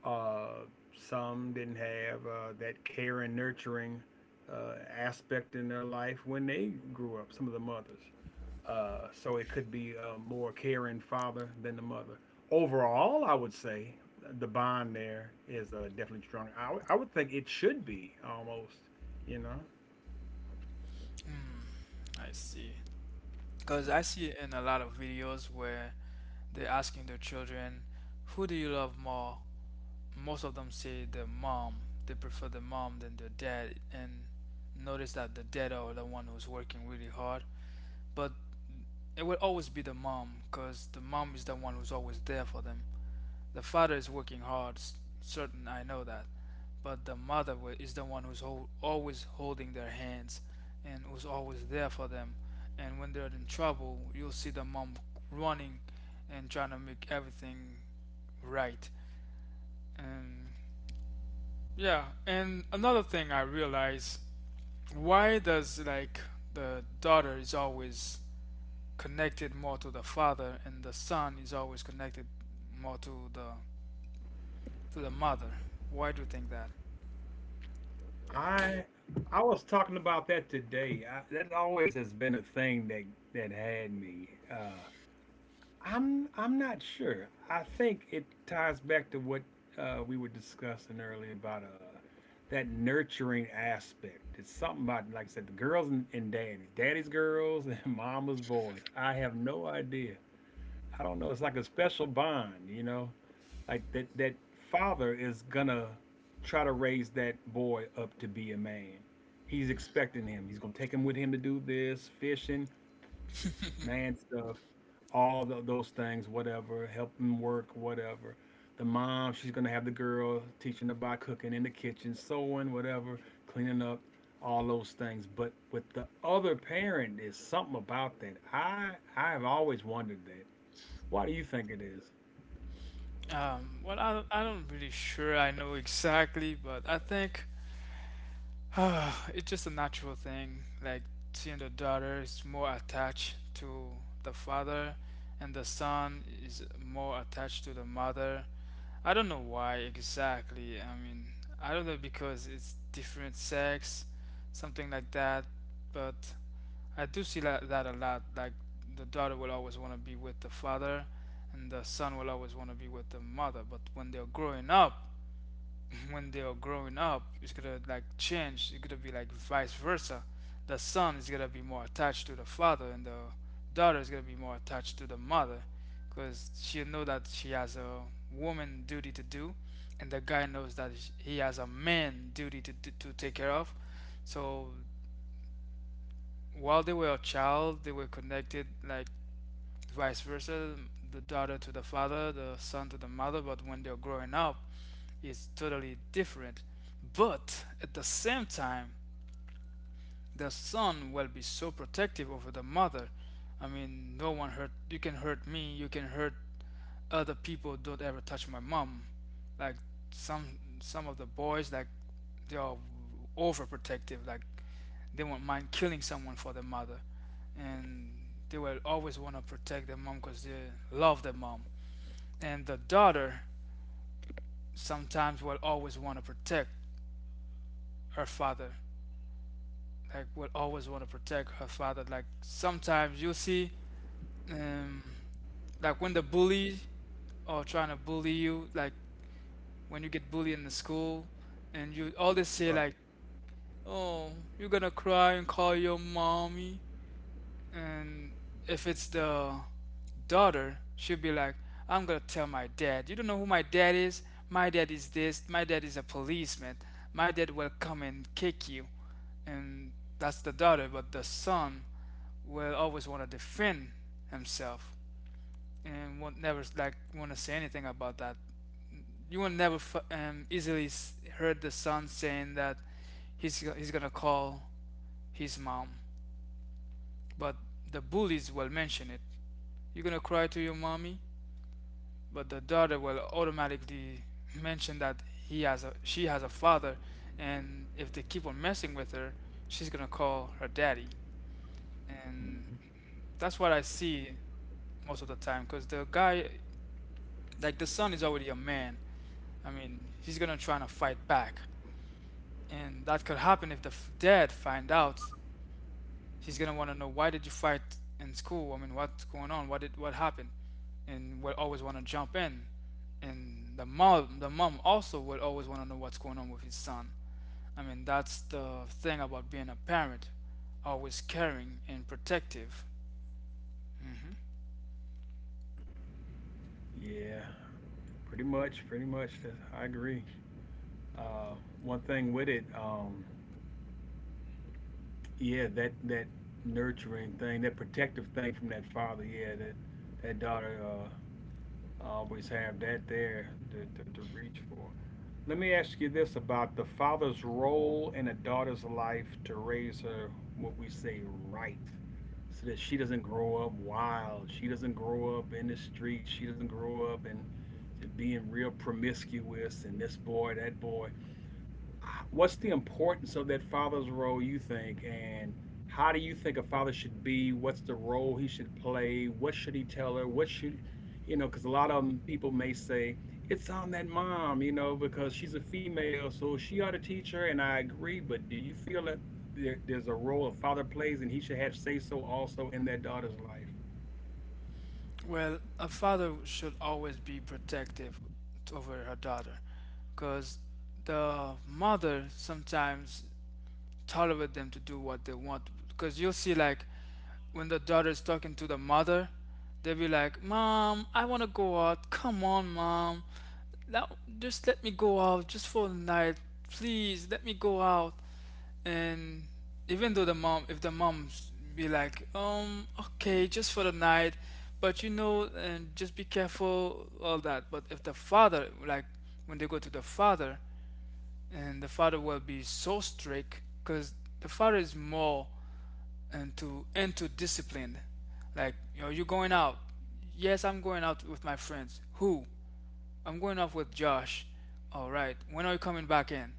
S2: Uh, some didn't have that care and nurturing aspect in their life when they grew up, some of the mothers. So it could be a more caring father than the mother. Overall, I would say the bond there is definitely stronger. I would think it should be almost, you know.
S1: Hmm, I see. Because I see it in a lot of videos where they're asking their children, "Who do you love more?" Most of them say their mom. They prefer the mom than their dad. And notice that the dad are the one who's working really hard. But it will always be the mom because the mom is the one who's always there for them. The father is working hard, certain, I know that. But the mother is the one who's always holding their hands and who's always there for them. And when they're in trouble, you'll see the mom running and trying to make everything right. And yeah, and another thing I realize, why does like the daughter is always connected more to the father and the son is always connected more to the mother? Why do you think that?
S2: I I was talking about that today. I, that always has been a thing that that had me. I'm not sure. I think it ties back to what we were discussing earlier about that nurturing aspect. It's something about like I said, the girls and daddies, daddy's girls and mama's boys. I have no idea. I don't know. It's like a special bond, you know. Like that father is gonna try to raise that boy up to be a man. He's expecting him. He's gonna take him with him to do this fishing, man stuff, those things, whatever. Help him work, whatever. The mom, she's gonna have the girl teaching about cooking in the kitchen, sewing, whatever, cleaning up, all those things. But with the other parent, there's something about that. I have always wondered that. Why do you think it is?
S1: Well, I don't really sure I know exactly, but I think it's just a natural thing. Like seeing the daughter is more attached to the father, and the son is more attached to the mother. I don't know why exactly. I mean, I don't know because it's different sex, something like that, but. I do see that a lot. Like the daughter will always want to be with the father, and the son will always want to be with the mother. But when they're growing up, when they are growing up, it's gonna like change. It's gonna be like vice versa. The son is gonna be more attached to the father, and the daughter is gonna be more attached to the mother, because she'll know that she has a woman duty to do, and the guy knows that he has a man duty to take care of. So while they were a child, they were connected like vice versa, the daughter to the father, the son to the mother, but when they're growing up, it's totally different. But at the same time, the son will be so protective over the mother. I mean, no one hurt, you can hurt me, you can hurt other people, don't ever touch my mom. Like some of the boys like they are overprotective. Like they won't mind killing someone for their mother, and they will always want to protect their mom because they love their mom. And the daughter sometimes will always want to protect her father. Like will always want to protect her father. Like sometimes you'll see, um, like when the bully or trying to bully you, like when you get bullied in the school, and you always say like, "Oh, you're gonna cry and call your mommy." And if it's the daughter, she'll be like, "I'm gonna tell my dad. You don't know who my dad is? My dad is this. My dad is a policeman. My dad will come and kick you." And that's the daughter, but the son will always want to defend himself and won't never like want to say anything about that. You will never easily heard the son saying that he's gonna call his mom, but the bullies will mention it. "You're gonna cry to your mommy," but the daughter will automatically mention that he has a she has a father, and if they keep on messing with her, she's gonna call her daddy. And
S2: Mhm.
S1: that's what I see most of the time, because the guy, like the son, is already a man. I mean, he's gonna try to fight back, and that could happen if the dad find out. He's gonna want to know, "Why did you fight in school? I mean, what's going on? What happened?" And will always want to jump in. And the mom also will always want to know what's going on with his son. I mean, that's the thing about being a parent, always caring and protective. Hmm.
S2: Yeah. Pretty much, pretty much. That's, I agree. Uh, One thing with it, yeah, that nurturing thing, that protective thing from that father, yeah, that that daughter always have that there to, to reach for. Let me ask you this about the father's role in a daughter's life to raise her what we say right, so that she doesn't grow up wild, she doesn't grow up in the streets, she doesn't grow up and being real promiscuous and this boy, that boy. What's the importance of that father's role you think? And how do you think a father should be? What's the role he should play? What should he tell her? What should, because a lot of people may say it's on that mom, because she's a female, so she ought to teach her. And I agree, but do you feel that there's a role a father plays and he should have say so also in their daughter's life?
S1: Well, a father should always be protective over her daughter because the mother sometimes tolerate them to do what they want because you'll see like when the daughter is talking to the mother, they'll be like, "Mom, I want to go out. Come on, mom. Now, just let me go out just for the night. Please, let me go out." And even though the mom, if the mom be like, okay, just for the night, but you know, and just be careful, all that." But if the father, like, when they go to the father, and the father will be so strict, because the father is more and to discipline. Like, "You know you're going out?" "Yes, I'm going out with my friends." "Who?" "I'm going out with Josh." "All right, when are you coming back in?"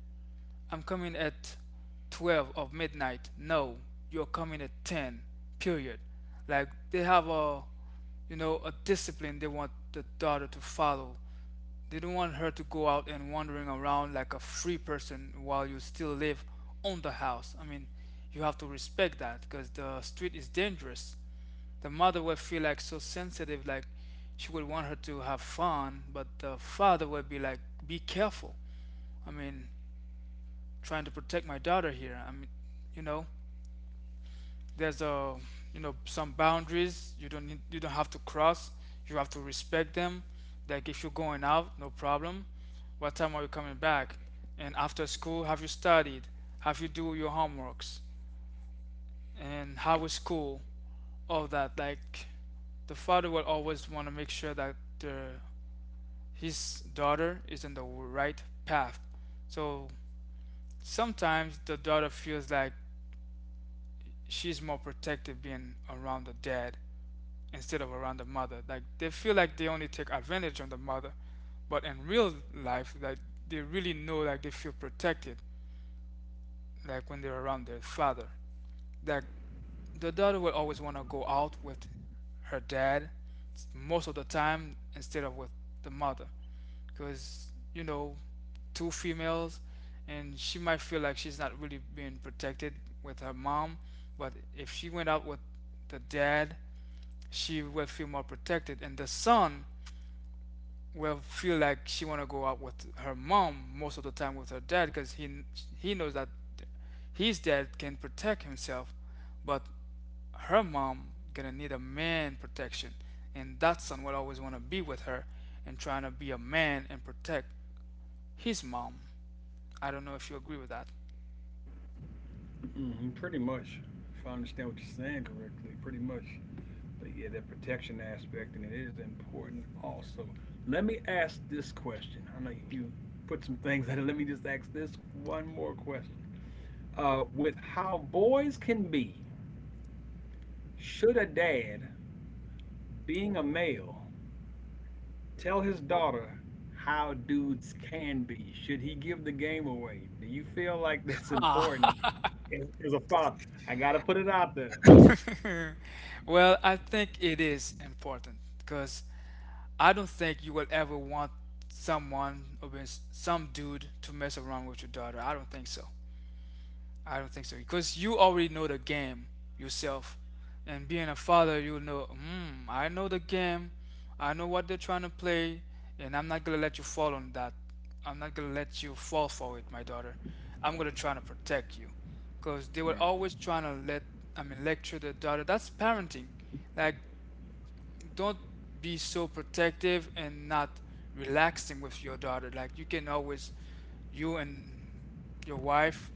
S1: "I'm coming at 12 of midnight." "No, you're coming at 10, period." Like they have a discipline they want the daughter to follow. They don't want her to go out and wandering around like a free person while you still live on the house. I mean, you have to respect that because the street is dangerous. The mother will feel like so sensitive, like she would want her to have fun, but the father will be like, "Be careful. I mean, trying to protect my daughter here. I mean, you know, there's a you know some boundaries you don't have to cross. You have to respect them. Like if you're going out, no problem. What time are you coming back? And after school, have you studied? Have you do your homeworks? And how was school?" All that. Like the father will always want to make sure that his daughter is in the right path. So sometimes the daughter feels like she's more protective being around the dad instead of around the mother. Like they feel like they only take advantage of the mother, but in real life, like they really know like they feel protected, like when they're around their father. That the daughter will always want to go out with her dad most of the time instead of with the mother, because two females, and she might feel like she's not really being protected with her mom, but if she went out with the dad she will feel more protected, and the son will feel like she want to go out with her mom most of the time with her dad because he knows that his dad can protect himself, but her mom gonna need a man protection, and that son will always want to be with her and trying to be a man and protect his mom. I don't know if you agree with that.
S2: Hmm, pretty much. If I understand what you're saying correctly, pretty much. But yeah, that protection aspect, and it is important also. Let me ask this question. I know you put some things in it. Let me just ask this one more question. With how boys can be, should a dad, being a male, tell his daughter how dudes can be? Should he give the game away? Do you feel like that's important as a father? I got to put it out there.
S1: Well, I think it is important because I don't think you will ever want someone or some dude to mess around with your daughter. I don't think so. I don't think so because you already know the game yourself, and being a father, I know the game, I know what they're trying to play, and I'm not gonna let you fall on that. I'm not gonna let you fall for it, my daughter. I'm gonna try to protect you, because they were
S2: Right,
S1: always trying to I mean, lecture their daughter. That's parenting. Like don't be so protective and not relaxing with your daughter. Like you can always, you and your wife,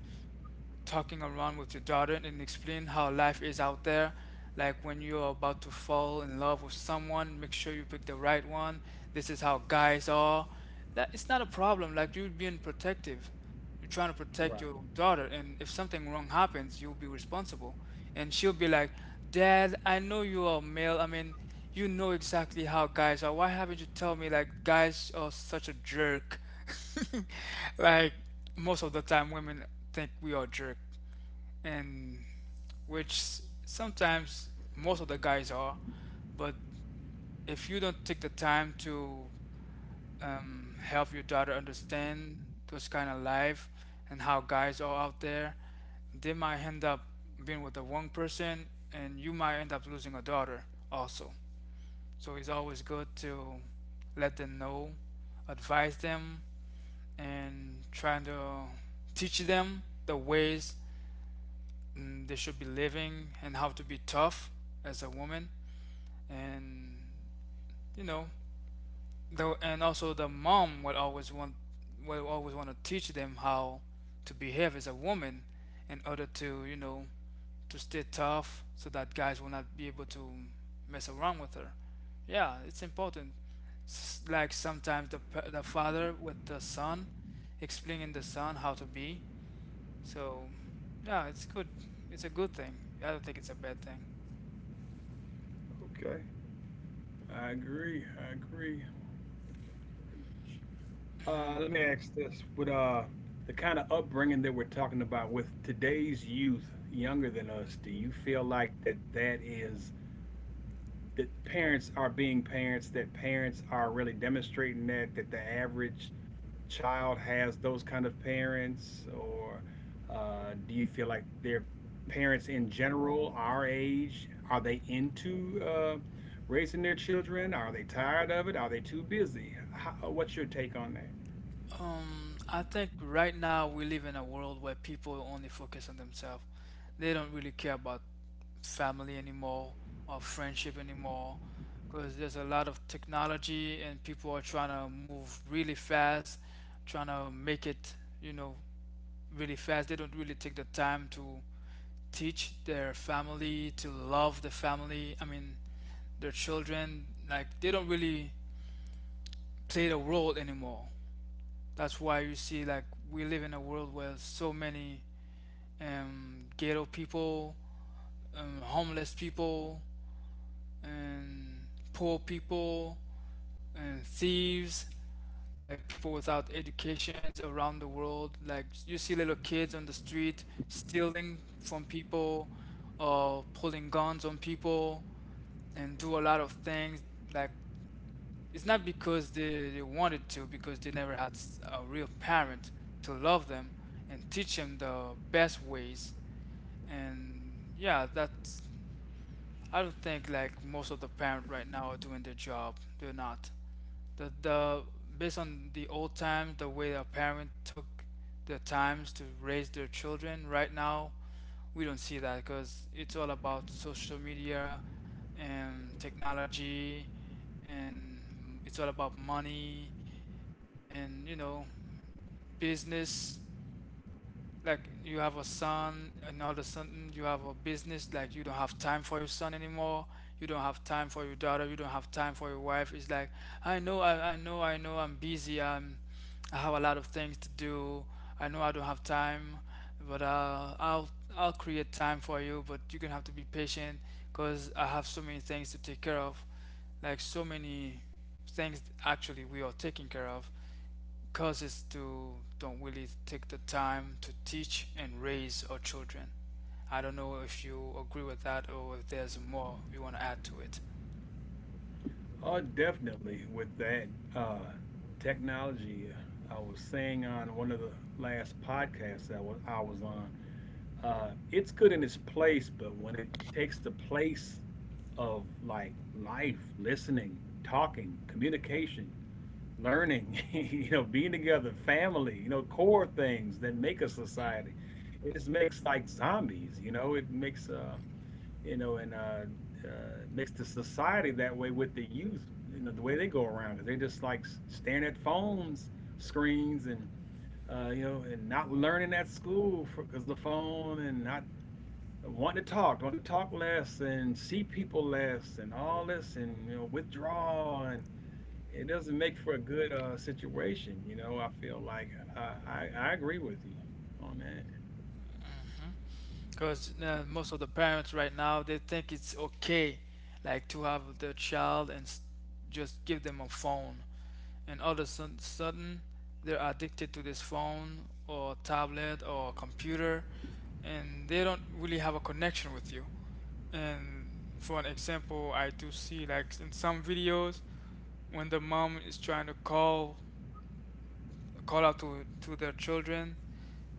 S1: talking around with your daughter and explain how life is out there. Like when you're about to fall in love with someone, make sure you pick the right one. This is how guys are. That it's not a problem. Like, you're being protective. You're trying to protect
S2: right.
S1: your daughter, and if something wrong happens, you'll be responsible. And she'll be like, "Dad, I know you are male. I mean, you know exactly how guys are. Why haven't you told me like guys are such a jerk?" Like, most of the time women think we are jerk, and which sometimes most of the guys are, but if you don't take the time to help your daughter understand those kind of life and how guys are out there, they might end up being with the wrong person, and you might end up losing a daughter also. So it's always good to let them know, advise them, and trying to teach them the ways they should be living and how to be tough as a woman. And you know, and also the mom would always want will always want to teach them how to behave as a woman in order to, you know, to stay tough so that guys will not be able to mess around with her. Yeah, it's important. Like sometimes the father with the son explaining the son how to be. So, yeah, it's good. It's a good thing. I don't think it's a bad thing.
S2: Okay. I agree. I agree. Uh,
S1: Mhm.
S2: let me ask this: with the kind of upbringing that we're talking about with today's youth, younger than us, do you feel like that parents are being parents? That parents are really demonstrating that the average child has those kind of parents? Or do you feel like their parents in general, our age, are they into raising their children? Are they tired of it? Are they too busy? How, what's your take on that?
S1: I think right now we live in a world where people only focus on themselves. They don't really care about family anymore or friendship anymore, because there's a lot of technology and people are trying to move really fast, trying to make it, you know, really fast. They don't really take the time to teach their family, to love the family. I mean, their children. Like, they don't really play the role anymore. That's why you see, like, we live in a world where so many ghetto people, homeless people, and poor people, and thieves, like people without educations around the world. Like, you see little kids on the street stealing from people or pulling guns on people and do a lot of things. Like, it's not because they wanted to, because they never had a real parent to love them and teach them the best ways. And yeah, that's. I don't think like most of the parents right now are doing their job. They're not. The based on the old times, the way a parent took the times to raise their children. Right now, we don't see that because it's all about social media and technology, and it's all about money and, you know, business. Like, you have a son and all of a sudden you have a business, like you don't have time for your son anymore, you don't have time for your daughter, you don't have time for your wife. It's like, I know, I'm busy, i'm, I have a lot of things to do, I know I don't have time, but I'll create time for you, but you're gonna have to be patient because I have so many things to take care of. Like, so many things actually we are taking care of causes to don't really take the time to teach and raise our children. I don't know if you agree with that, or if there's more you want to add to it.
S2: Oh, definitely. With that uh, technology, I was saying on one of the last podcasts that I was on, it's good in its place, but when it takes the place of like life, listening, talking, communication, learning, you know, being together, family, you know, core things that make a society, it just makes like zombies. You know, it makes you know, and uh, mix the society that way with the youth. You know, the way they go around because they just like staring at phones, screens, and you know, and not learning at school because the phone, and not wanting to talk, wanting to talk less, and see people less, and all this, and you know, withdraw, and it doesn't make for a good situation. You know, I feel like I agree with you on that.
S1: Because most of the parents right now, they think it's okay, like to have their child and just give them a phone, and all of a sudden they're addicted to this phone or tablet or computer, and they don't really have a connection with you. And for an example, I do see, like, in some videos when the mom is trying to call out to their children,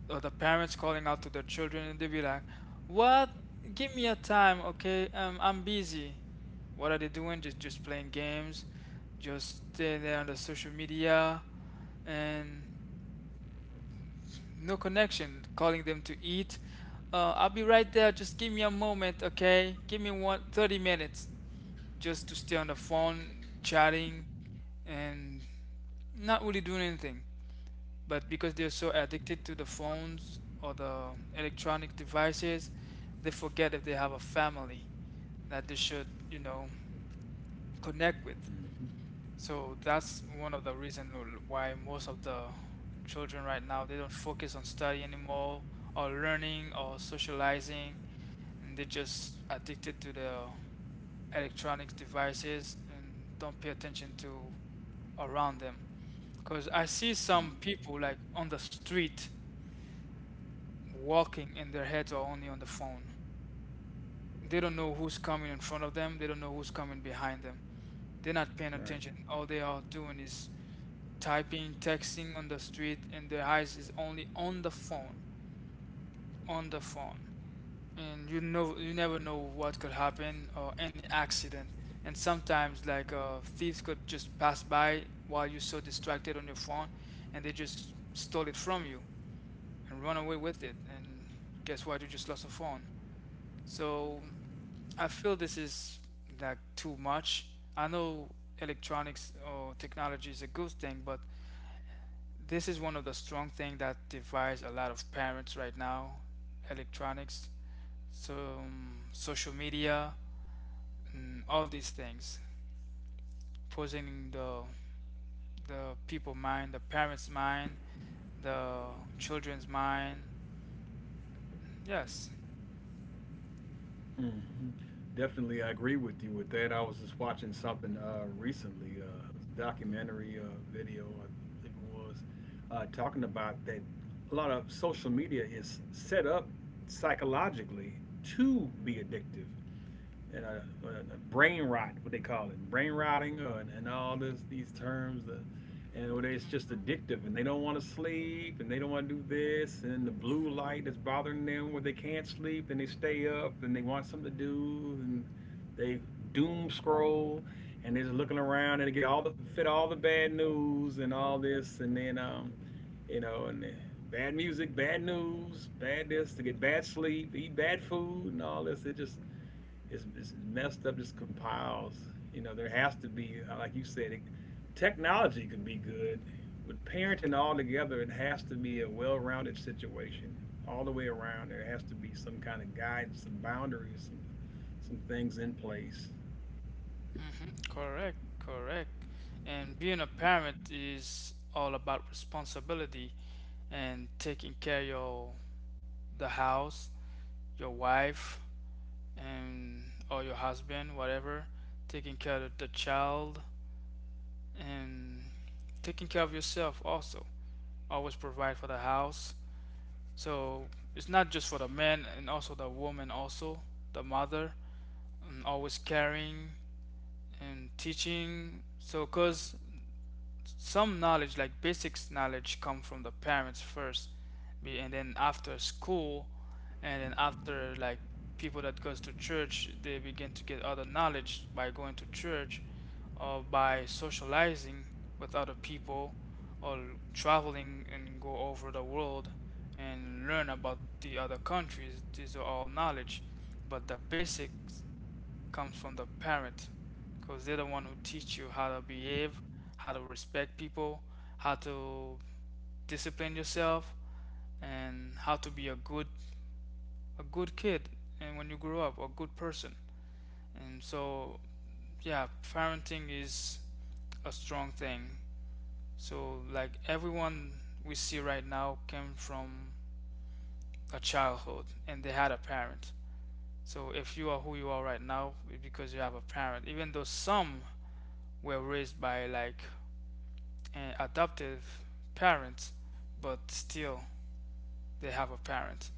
S1: or the parents calling out to their children, and they be like, "What? Give me a time, okay? I'm busy." What are they doing? Just playing games, just stay there on the social media, and no connection. Calling them to eat. "Uh, I'll be right there. Just give me a moment, okay? Give me one 30 minutes." Just to stay on the phone, chatting, and not really doing anything. But because they're so addicted to the phones or the electronic devices, they forget if they have a family that they should, you know, connect with.
S2: Hmm.
S1: So that's one of the reasons why most of the children right now they don't focus on study anymore, or learning, or socializing, and they're just addicted to the electronic devices and don't pay attention to around them. Because I see some people like on the street walking and their heads are only on the phone. They don't know who's coming in front of them, they don't know who's coming behind them. They're not paying
S2: Right.
S1: attention. All they are doing is typing, texting on the street, and the eyes is only on the phone, on the phone. And you know, you never know what could happen, or any accident. And sometimes, like, thieves could just pass by while you're so distracted on your phone, and they just stole it from you and run away with it. And guess what? You just lost a phone. So I feel this is like too much. I know electronics or technology is a good thing, but this is one of the strong things that divides a lot of parents right now. Electronics, so, social media, and all these things posing the people mind, the parents mind, the children's mind. Yes.
S2: Hmm. Definitely, I agree with you with that. I was just watching something recently, it was a documentary video, I believe it was, talking about that a lot of social media is set up psychologically to be addictive and brain rot, what they call it, brain rotting, and all this these terms, and it's just addictive, and they don't want to sleep, and they don't want to do this, and the blue light is bothering them, where they can't sleep, and they stay up, and they want something to do, and they doom scroll, and they're just looking around, and they get all the fit all the bad news and all this, and then you know, and the bad music, bad news, bad this, to get bad sleep, eat bad food, and all this. It's messed up. Just compiles. You know, there has to be, like you said, technology could be good. With parenting all together, it has to be a well-rounded situation all the way around. There has to be some kind of guidance, some boundaries, some things in place.
S1: Hmm, correct, correct. And being a parent is all about responsibility and taking care of your, the house, your wife, and or your husband, whatever, taking care of the child, and taking care of yourself also. Always provide for the house. So it's not just for the man, and also the woman also, the mother, and always caring and teaching. So cause some knowledge, like basics knowledge, come from the parents first, and then after school, and then after, like, people that goes to church they begin to get other knowledge by going to church, or by socializing with other people, or traveling and go over the world and learn about the other countries. These are all knowledge, but the basics comes from the parent, because they're the one who teach you how to behave, how to respect people, how to discipline yourself, and how to be a good, a good kid, and when you grow up, a good person. And so, yeah, parenting is a strong thing. So, like everyone we see right now came from a childhood and they had a parent. So if you are who you are right now, it's because you have a parent. Even though some were raised by, like, and adoptive parents, but still they have a parent.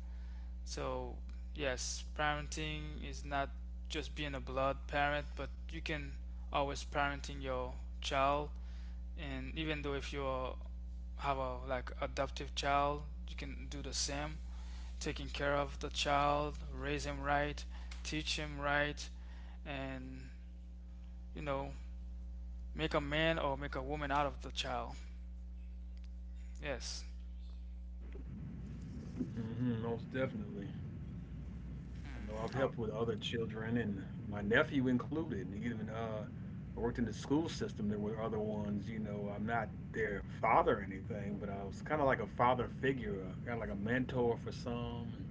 S1: So, yes, parenting is not just being a blood parent, but you can always parenting your child. And even though if you have a like adoptive child, you can do the same, taking care of the child, raise him right, teach him right, and, you know, make a man or make a woman out of the child. Yes.
S2: Hmm. Most definitely. I know I've
S1: Oh,
S2: helped with other children and my nephew included, and even I worked in the school system. There were other ones, you know. I'm not their father or anything, but I was kind of like a father figure, kind of like a mentor for some. And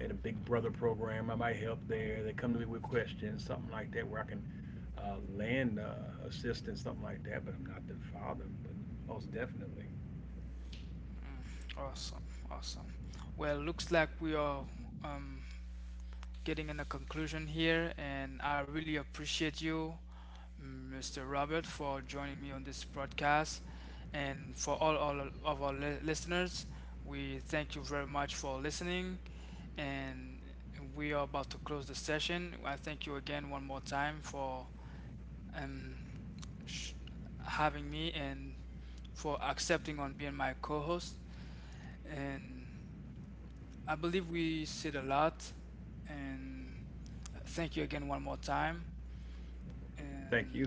S2: they had a big brother program. I might help there. They come to me with questions, something like that, where I can land assistance, something like that. But I'm not their father, but most definitely.
S1: mm. Awesome, awesome. Well, looks like we are um, getting in a conclusion here, and I really appreciate you, Mr. Robert, for joining me on this broadcast. And for all of our listeners, we thank you very much for listening. And we are about to close the session. I thank you again one more time for, um, sh- having me and for accepting on being my co-host. And I believe we said a lot, and thank you again one more time.
S2: Thank
S1: And
S2: you.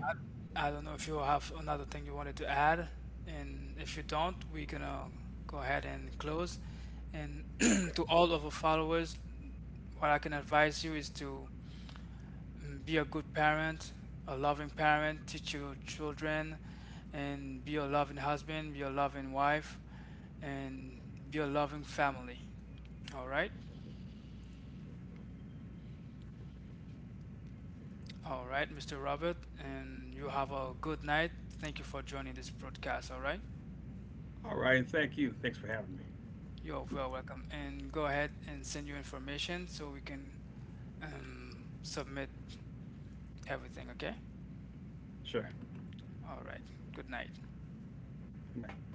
S1: I don't know if you have another thing you wanted to add, and if you don't, we're gonna go ahead and close. And
S2: Okay.
S1: to all of our followers, what I can advise you is to, be a good parent, a loving parent, teach your children, and be a loving husband, be a loving wife, and be a loving family. All right. All right, Mr. Robert, and you have a good night. Thank you for joining this broadcast. All right,
S2: All right, and thank you. Thanks for having me.
S1: you're well welcome. And go ahead and send your information so we can submit everything. Okay.
S2: Sure.
S1: All right. Good night.
S2: Good night.